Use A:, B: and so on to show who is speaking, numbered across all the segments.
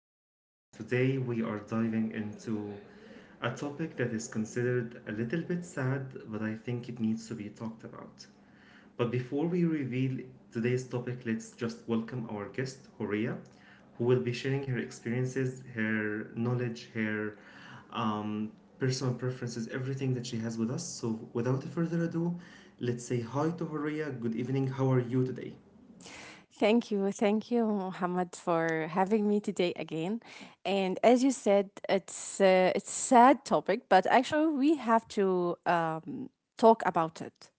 A: and today we are diving into a topic that is considered a little bit sad, but I think it needs to be talked about. But before we reveal today's topic, let's just welcome our guest, Horia, who will be sharing her experiences, her knowledge, her um, personal preferences, everything that she has with us. So, without further ado, let's say hi to Horia. Good evening, how are you today?
B: Thank you. Thank you, Muhammad, for having me today again. And as you said, it's sad topic, but actually we have to talk about it.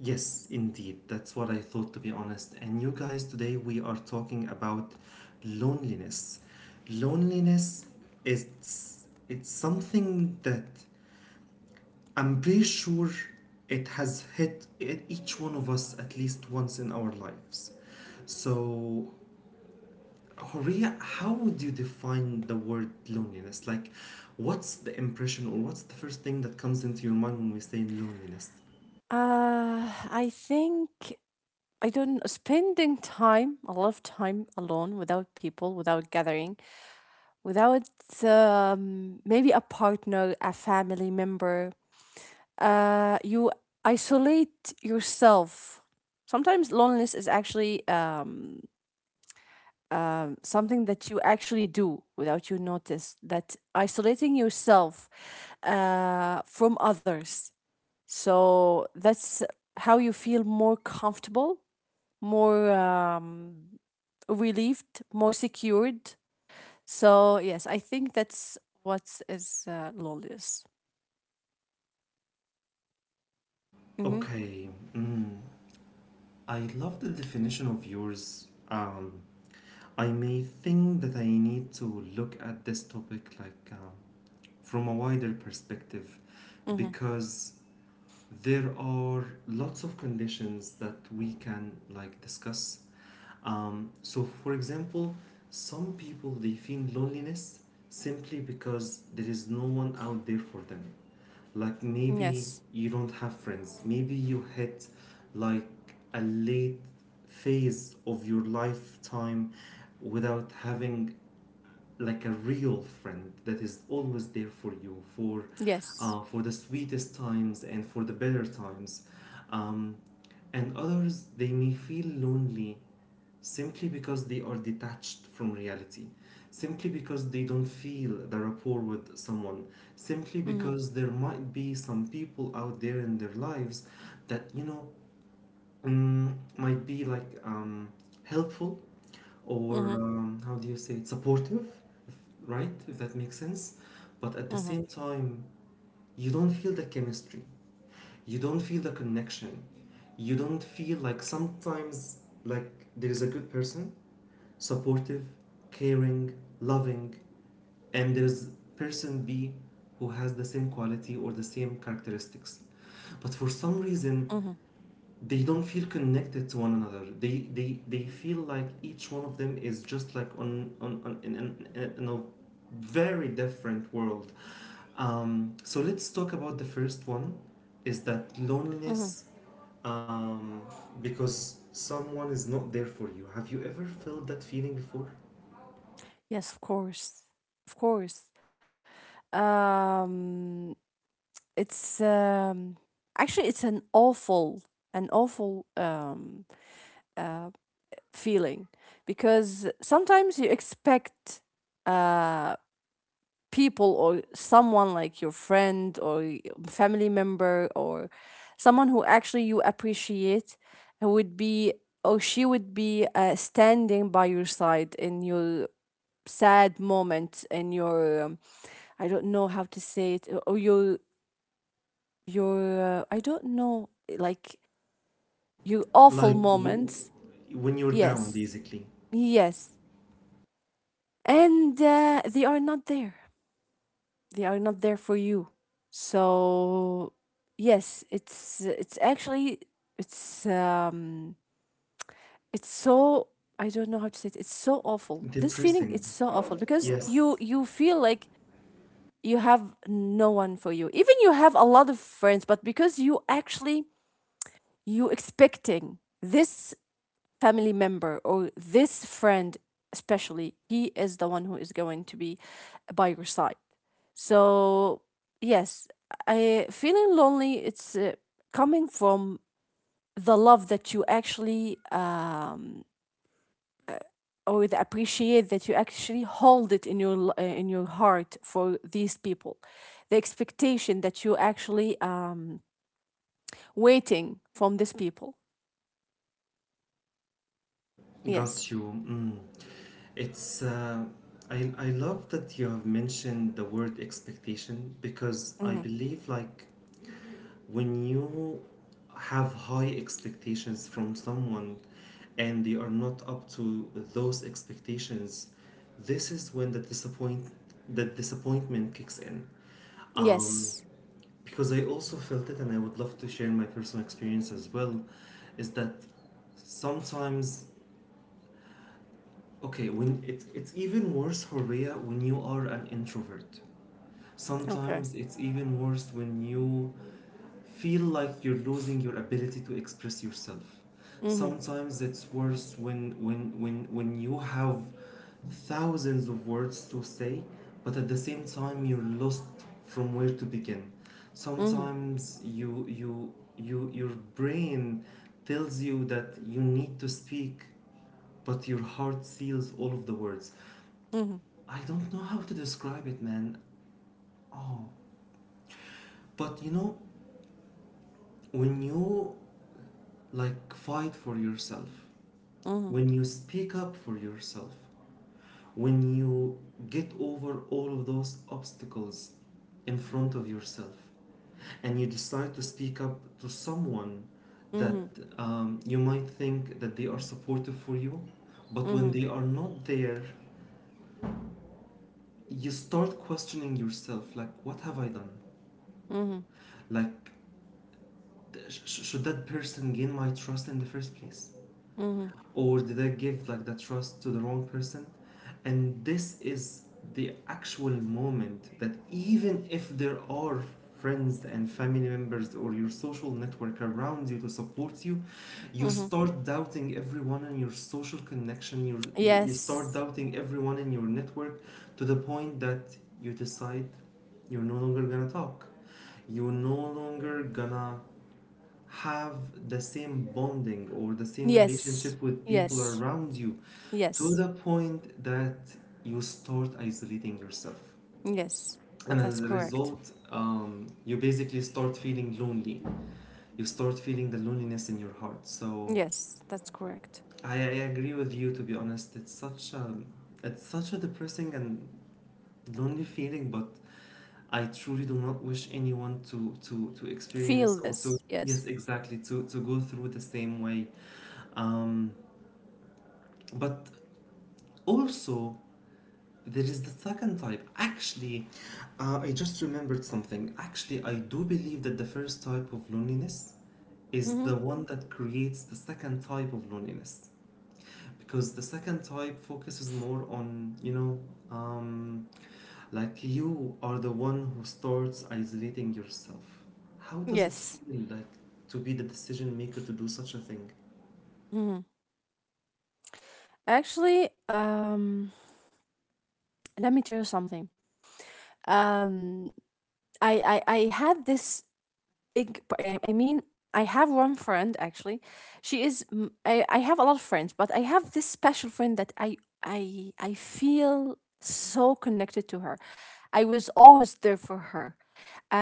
A: Yes, indeed. That's what I thought, to be honest. And you guys, today we are talking about loneliness. Loneliness is it's something that I'm pretty sure it has hit each one of us at least once in our lives. So, Horia, how would you define the word loneliness? Like, what's the impression or what's the first thing that comes into your mind when we say loneliness?
B: I think I don't know, spending time, a lot of time alone without people, without gathering, without maybe a partner, a family member. You isolate yourself sometimes loneliness is actually something that you actually do without you notice that isolating yourself from others, so that's how you feel more comfortable, more relieved, more secured. So yes, I think that's what is loneliness. Mm-hmm.
A: Okay. Mm. I love the definition of yours. I may think that I need to look at this topic like from a wider perspective,
B: Mm-hmm.
A: because there are lots of conditions that we can like discuss. So for example, some people they feel loneliness simply because there is no one out there for them. Like maybe
B: Yes,
A: you don't have friends. Maybe you hit like a late phase of your lifetime without having like a real friend that is always there for you for
B: yes.
A: uh, for the sweetest times and for the better times. Um, and others, they may feel lonely simply because they are detached from reality, simply because they don't feel the rapport with someone, simply
B: Mm-hmm.
A: because there might be some people out there in their lives that, you know, might be like helpful, or
B: Mm-hmm.
A: how do you say it, supportive, if, right? If that makes sense. But at the
B: Mm-hmm.
A: same time, you don't feel the chemistry, you don't feel the connection, you don't feel like sometimes, like there is a good person, supportive, caring, loving, and there's person B who has the same quality or the same characteristics.
B: Mm-hmm.
A: But for some reason, they don't feel connected to one another. They feel like each one of them is just like on in a very different world. So let's talk about the first one, is that
B: Mm-hmm.
A: loneliness, um, because someone is not there for you. Have you ever felt that feeling before?
B: Yes, of course. Of course. Um, it's actually it's an awful, an awful uh, feeling, because sometimes you expect uh, people or someone like your friend or family member or someone who actually you appreciate who would be or she would be standing by your side in your sad moment, in your I don't know how to say it, or your your I don't know, like your awful
A: Like
B: moments.
A: when you're down,
B: Yes,
A: basically.
B: yes, and they are not there. They are not there for you. So yes, it's actually it's, it's so, I don't know how to say it. It's so awful. This feeling,
A: Depressing.
B: it's so awful, because you
A: Yes.
B: you feel like you have no one for you. Even you have a lot of friends, but because you actually you expecting this family member or this friend, especially he is the one who is going to be by your side. So yes, I feeling lonely, it's coming from the love that you actually or the appreciate that you actually hold it in your in your heart for these people, the expectation that you actually waiting from these people.
A: Got
B: Yes.
A: you. Mm. it's uh, I love that you have mentioned the word expectation, because I
B: Hmm.
A: believe like when you have high expectations from someone and they are not up to those expectations, this is when the disappointment kicks in. um,
B: Yes.
A: because I also felt it, and I would love to share my personal experience as well, is that sometimes, okay, when it's even worse, Horea, when you are an introvert.
B: Okay.
A: Sometimes it's even worse when you feel like you're losing your ability to express yourself.
B: Hmm.
A: Sometimes it's worse when you have thousands of words to say, but at the same time you're lost from where to begin.
B: Hmm.
A: Sometimes your brain tells you that you need to speak, but your heart seals all of the words.
B: Hmm.
A: I don't know how to describe it, man. Oh, but you know, when you like fight for yourself,
B: Mhm.
A: when you speak up for yourself, when you get over all of those obstacles in front of yourself, and you decide to speak up to someone that
B: Mhm.
A: you might think that they are supportive for you, but when
B: Mhm.
A: they are not there, you start questioning yourself like, what have I done?
B: Mhm.
A: Like, should that person gain my trust in the first place?
B: Mhm.
A: Or did I give like the trust to the wrong person? And this is the actual moment that, even if there are friends and family members or your social network around you to support you, you
B: Mhm.
A: start doubting everyone in your social connection. You start
B: Yes.
A: doubting everyone in your network, to the point that you decide you're no longer gonna talk. You're no longer gonna have the same bonding or the same
B: Yes.
A: relationship with people
B: Yes.
A: around you, to
B: Yes.
A: the point that you start isolating yourself.
B: Yes.
A: And
B: That's
A: as a
B: correct.
A: result, you basically start feeling lonely. You start feeling the loneliness in your heart. So
B: Yes, that's correct.
A: I agree with you. To be honest, it's such a depressing and lonely feeling. But I truly do not wish anyone to
B: Feel
A: experience, or to,
B: this. Yes.
A: yes, exactly, to go through the same way. Um, But also, there is the second type. Actually, I just remembered something. Actually, I do believe that the first type of loneliness is the
B: Mhm.
A: one that creates the second type of loneliness. Because the second type focuses more on, you know, um, like you are the one who starts isolating yourself. How does it
B: Yes.
A: feel like to be the decision maker to do such a thing?
B: Mhm. Actually, um, let me tell you something. Um I had this yeah, I mean, I have one friend actually. I have a lot of friends, but I have this special friend that I feel so connected to her. I was always there for her.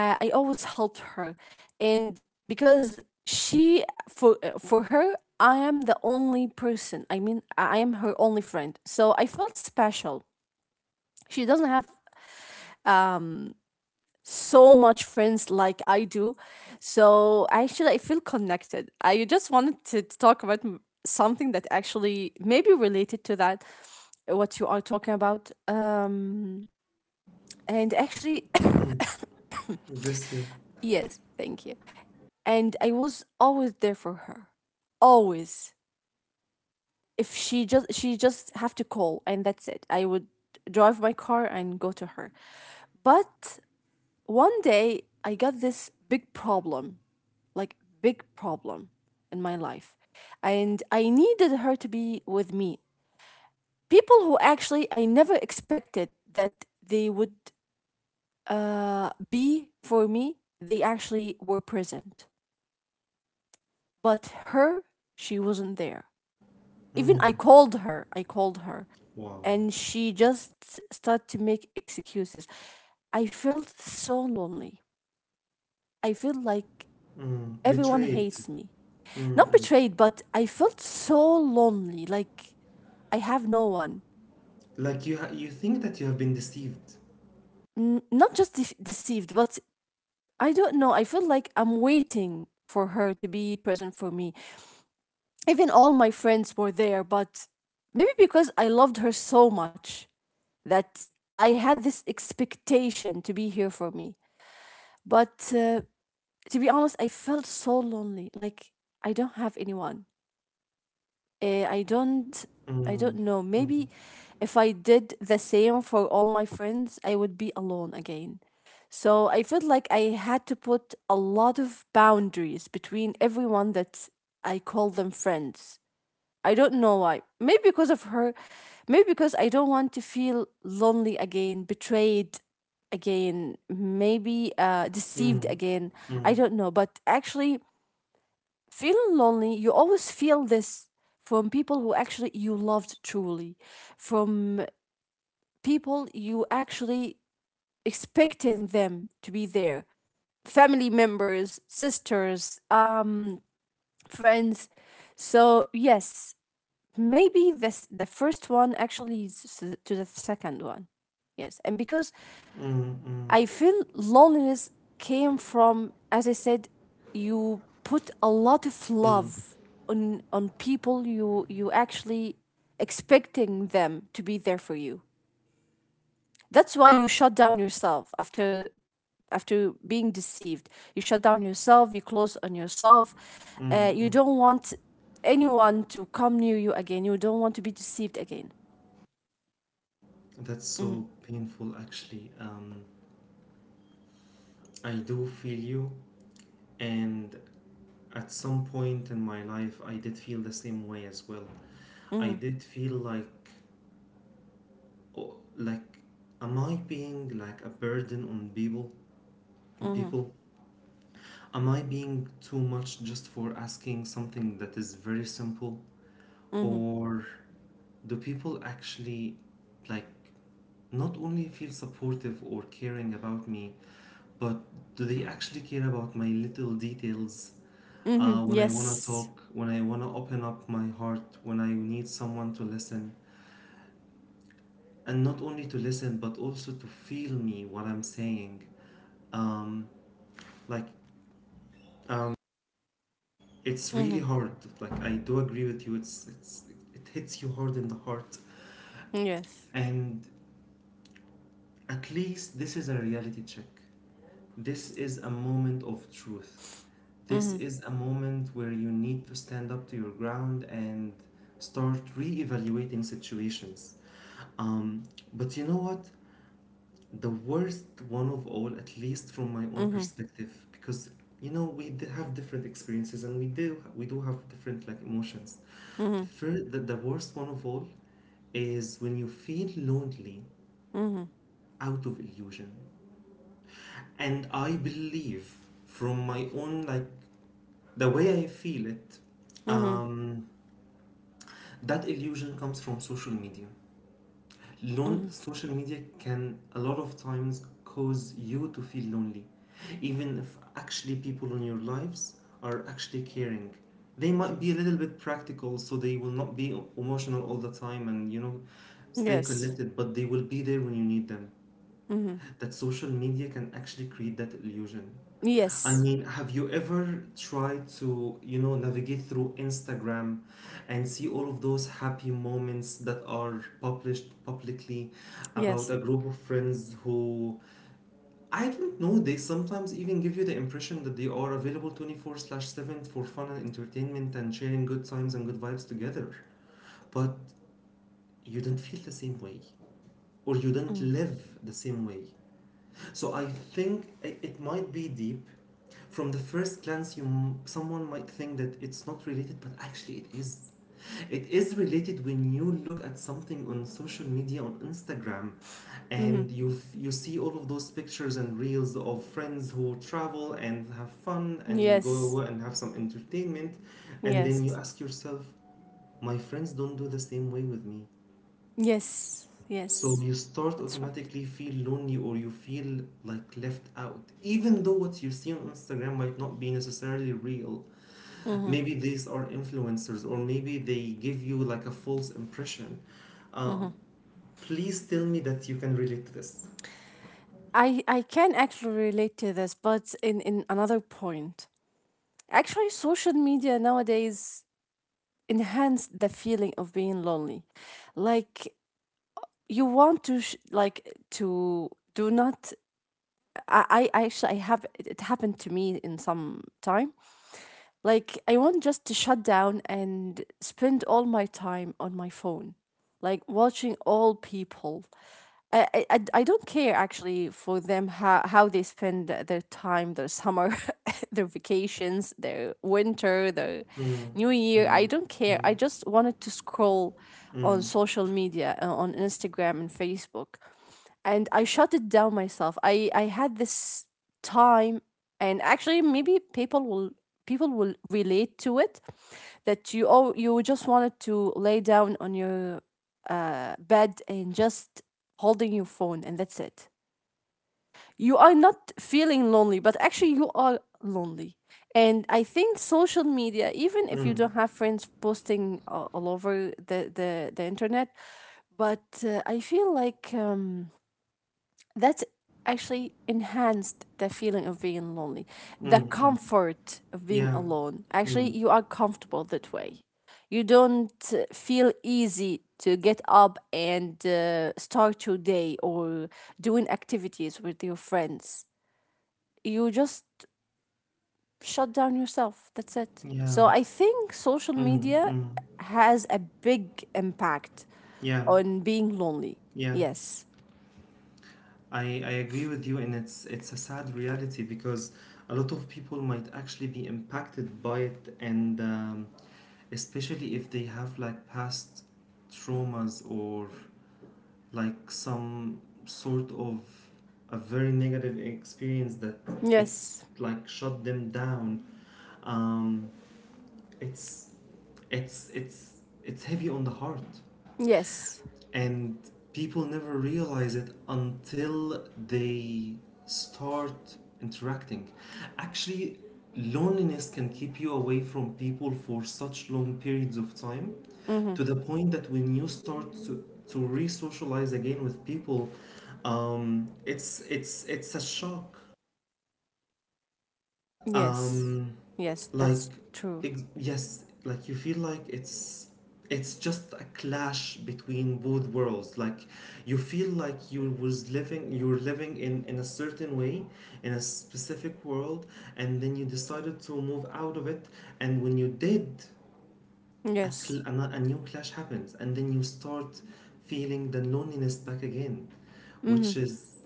B: I always helped her. And because she, for her, I am the only person, I mean I am her only friend, so I felt special. She doesn't have so much friends like I do. So actually, I feel connected. I just wanted to talk about something that actually maybe related to that, what you are talking about. And actually,
A: Mm, bless you.
B: yes, thank you. And I was always there for her, always. If she just have to call, and that's it. I would drive my car and go to her, but one day I got this big problem, like big problem in my life. And I needed her to be with me. People who actually I never expected that they would be for me, they actually were present. But her, she wasn't there. Even
A: Mm,
B: I called her,
A: wow.
B: and she just started to make excuses. I felt so lonely. I feel like
A: Mm,
B: everyone
A: betrayed.
B: hates me.
A: Mm,
B: Not
A: mm.
B: betrayed, but I felt so lonely. Like I have no one.
A: Like you think that you have been deceived.
B: Not just deceived, but I don't know. I feel like I'm waiting for her to be present for me. Even all my friends were there, but maybe because I loved her so much that I had this expectation to be here for me. But to be honest, I felt so lonely. Like I don't have anyone. Uh, I don't I don't
A: Mm,
B: know.
A: mm,
B: Maybe if I did the same for all my friends, I would be alone again. So I felt like I had to put a lot of boundaries between everyone that I call them friends. I don't know why. Maybe because of her. Maybe because I don't want to feel lonely again, betrayed again, maybe deceived
A: mm,
B: again.
A: mm,
B: I
A: mm,
B: don't know. But actually, feeling lonely, you always feel this from people who actually you loved truly, from people you actually expecting them to be there, family members, sisters, friends. So yes, maybe this the first one actually leads to the second one. Yes, and because
A: mm,
B: I feel loneliness came from, as I said, you put a lot of
A: mm,
B: love on people you actually expecting them to be there for you. That's why you shut down yourself after, after being deceived. You shut down yourself. You close on yourself.
A: mm,
B: You
A: mm.
B: don't want anyone to come near you again. You don't want to be deceived again.
A: That's
B: Mm.
A: so painful, actually. I do feel you, and at some point in my life, I did feel the same way as well.
B: Mm.
A: I did feel like, oh, like, am I being like a burden on people?
B: Mm.
A: People, am I being too much just for asking something that is very simple?
B: Mm.
A: Or do people actually like not only feel supportive or caring about me, but do they actually care about my little details?
B: Mm.
A: When I wanna
B: Yes.
A: talk, when I wanna open up my heart, when I need someone to listen, and not only to listen, but also to feel me what I'm saying. Um, like, um, it's
B: Mm,
A: really hard. Like, I do agree with you. It hits you hard in the heart,
B: yes.
A: and at least this is a reality check. This is a moment of truth.
B: Mm.
A: This is a moment where you need to stand up to your ground and start re-evaluating situations. Um, but you know what? The worst one of all, at least from my own
B: Mhm.
A: perspective, because you know we have different experiences, and we do have different like emotions. The,
B: Mhm.
A: fir- the worst one of all is when you feel lonely
B: Mhm.
A: out of illusion. And I believe, from my own, like, the way I feel it,
B: Mhm.
A: um, that illusion comes from social media.
B: Mhm.
A: Social media can a lot of times cause you to feel lonely, even if actually people in your lives are actually caring. They might be a little bit practical, so they will not be emotional all the time and, you know, stay
B: Yes.
A: connected, but they will be there when you need them.
B: Mhm.
A: That social media can actually create that illusion. I
B: Yes.
A: mean, have you ever tried to, you know, navigate through Instagram and see all of those happy moments that are published publicly about
B: Yes.
A: a group of friends who, I don't know, they sometimes even give you the impression that they are available 24/7 for fun and entertainment and sharing good times and good vibes together? But you don't feel the same way, or you don't
B: Mhm.
A: live the same way. So I think it might be deep. From the first glance, you someone might think that it's not related, but actually it is. It is related when you look at something on social media, on Instagram,
B: Mhm.
A: and you you see all of those pictures and reels of friends who travel and have fun and go
B: Yes.
A: and have some entertainment, and then
B: Yes.
A: you ask yourself, my friends don't do the same way with me.
B: Yes.
A: So
B: Yes.
A: you start
B: That's right.
A: automatically feel lonely, or you feel like left out. Even though what you see on Instagram might not be necessarily real. Maybe these are influencers, or maybe they give you like a false impression. Um, please tell me that you can relate to this.
B: I can actually relate to this, but in another point. Actually, social media nowadays enhance the feeling of being lonely. Like, you want to like to do not. I Actually, I have it it happened to me in some time. Like, I want just to shut down and spend all my time on my phone, like watching all people. I don't care actually for them, how they spend their time, their summer, their vacations, their winter, their
A: Mm,
B: new year. I
A: mm,
B: don't care.
A: mm,
B: I just wanted to scroll on
A: mm,
B: social media, on Instagram and Facebook, and I shut it down myself. I had this time, and actually, maybe people will relate to it, that you, oh, you just wanted to lay down on your bed and just holding your phone, and that's it. You are not feeling lonely, but actually, you are lonely. And I think social media, even
A: mm,
B: if you
A: mm,
B: don't have friends posting all over the internet, but I feel like, um, that's actually enhanced the feeling of being lonely, the
A: mm. Mm.
B: comfort of being
A: Yeah.
B: alone. Actually,
A: Mm,
B: you are comfortable that way. You don't feel easy to get up and start your day or doing activities with your friends. You just shut down yourself, that's it.
A: yeah.
B: So I think social
A: Mm,
B: media
A: mm.
B: has a big impact
A: Yeah.
B: on being lonely.
A: Yeah.
B: Yes.
A: I agree with you, and it's a sad reality, because a lot of people might actually be impacted by it, and especially if they have like past traumas, or like some sort of a very negative experience that it
B: Yes.
A: like shut them down. um it's it's heavy on the heart,
B: Yes.
A: and people never realize it until they start interacting. Actually, loneliness can keep you away from people for such long periods of time,
B: Hmm.
A: to the point that when you start to re-socialize again with people, it's a shock.
B: Yes.
A: um
B: Yes,
A: like,
B: that's true.
A: yes, like you feel like it's just a clash between both worlds, like you feel like you were living in a certain way, in a specific world, and then you decided to move out of it, and when you did, a,
B: Yes.
A: cl- a, no- a new clash happens, and then you start feeling the loneliness back again,
B: Mhm.
A: which is,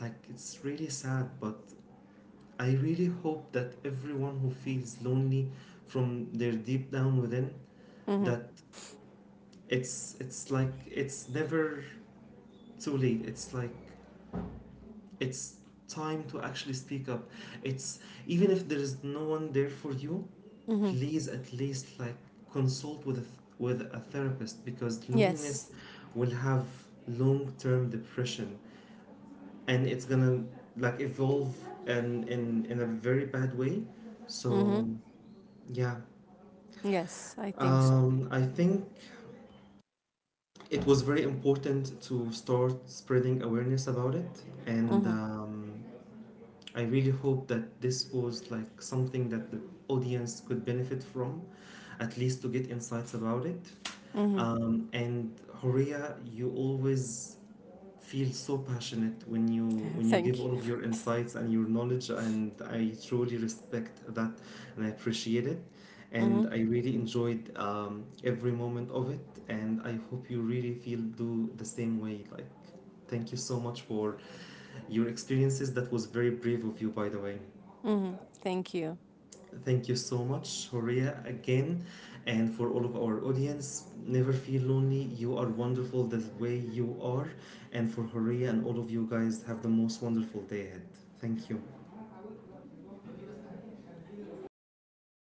A: like, it's really sad. But I really hope that everyone who feels lonely from their deep down within,
B: Mhm.
A: that it's never too late. It's time to actually speak up. It's even if there is no one there for you,
B: Mhm.
A: please at least like consult with a with a therapist, because
B: Yes.
A: loneliness will have long-term depression, and it's gonna like evolve and in a very bad way.
B: Mhm.
A: So yeah.
B: Yes, I think so.
A: I think it was very important to start spreading awareness about it, and
B: Mhm.
A: I really hope that this was like something that the audience could benefit from, at least to get insights about it.
B: Mhm.
A: And Horia, you always feel so passionate when you give
B: Thank you.
A: all of your insights and your knowledge, and I truly respect that and I appreciate it.
B: Mhm.
A: And I really enjoyed every moment of it, and I hope you really feel do the same way. Like, thank you so much for your experiences. That was very brave of you, by the way.
B: Mhm. Thank you.
A: Thank you so much, Horia, again. And for all of our audience, never feel lonely. You are wonderful the way you are. And for Horia and all of you guys, have the most wonderful day ahead. Thank you.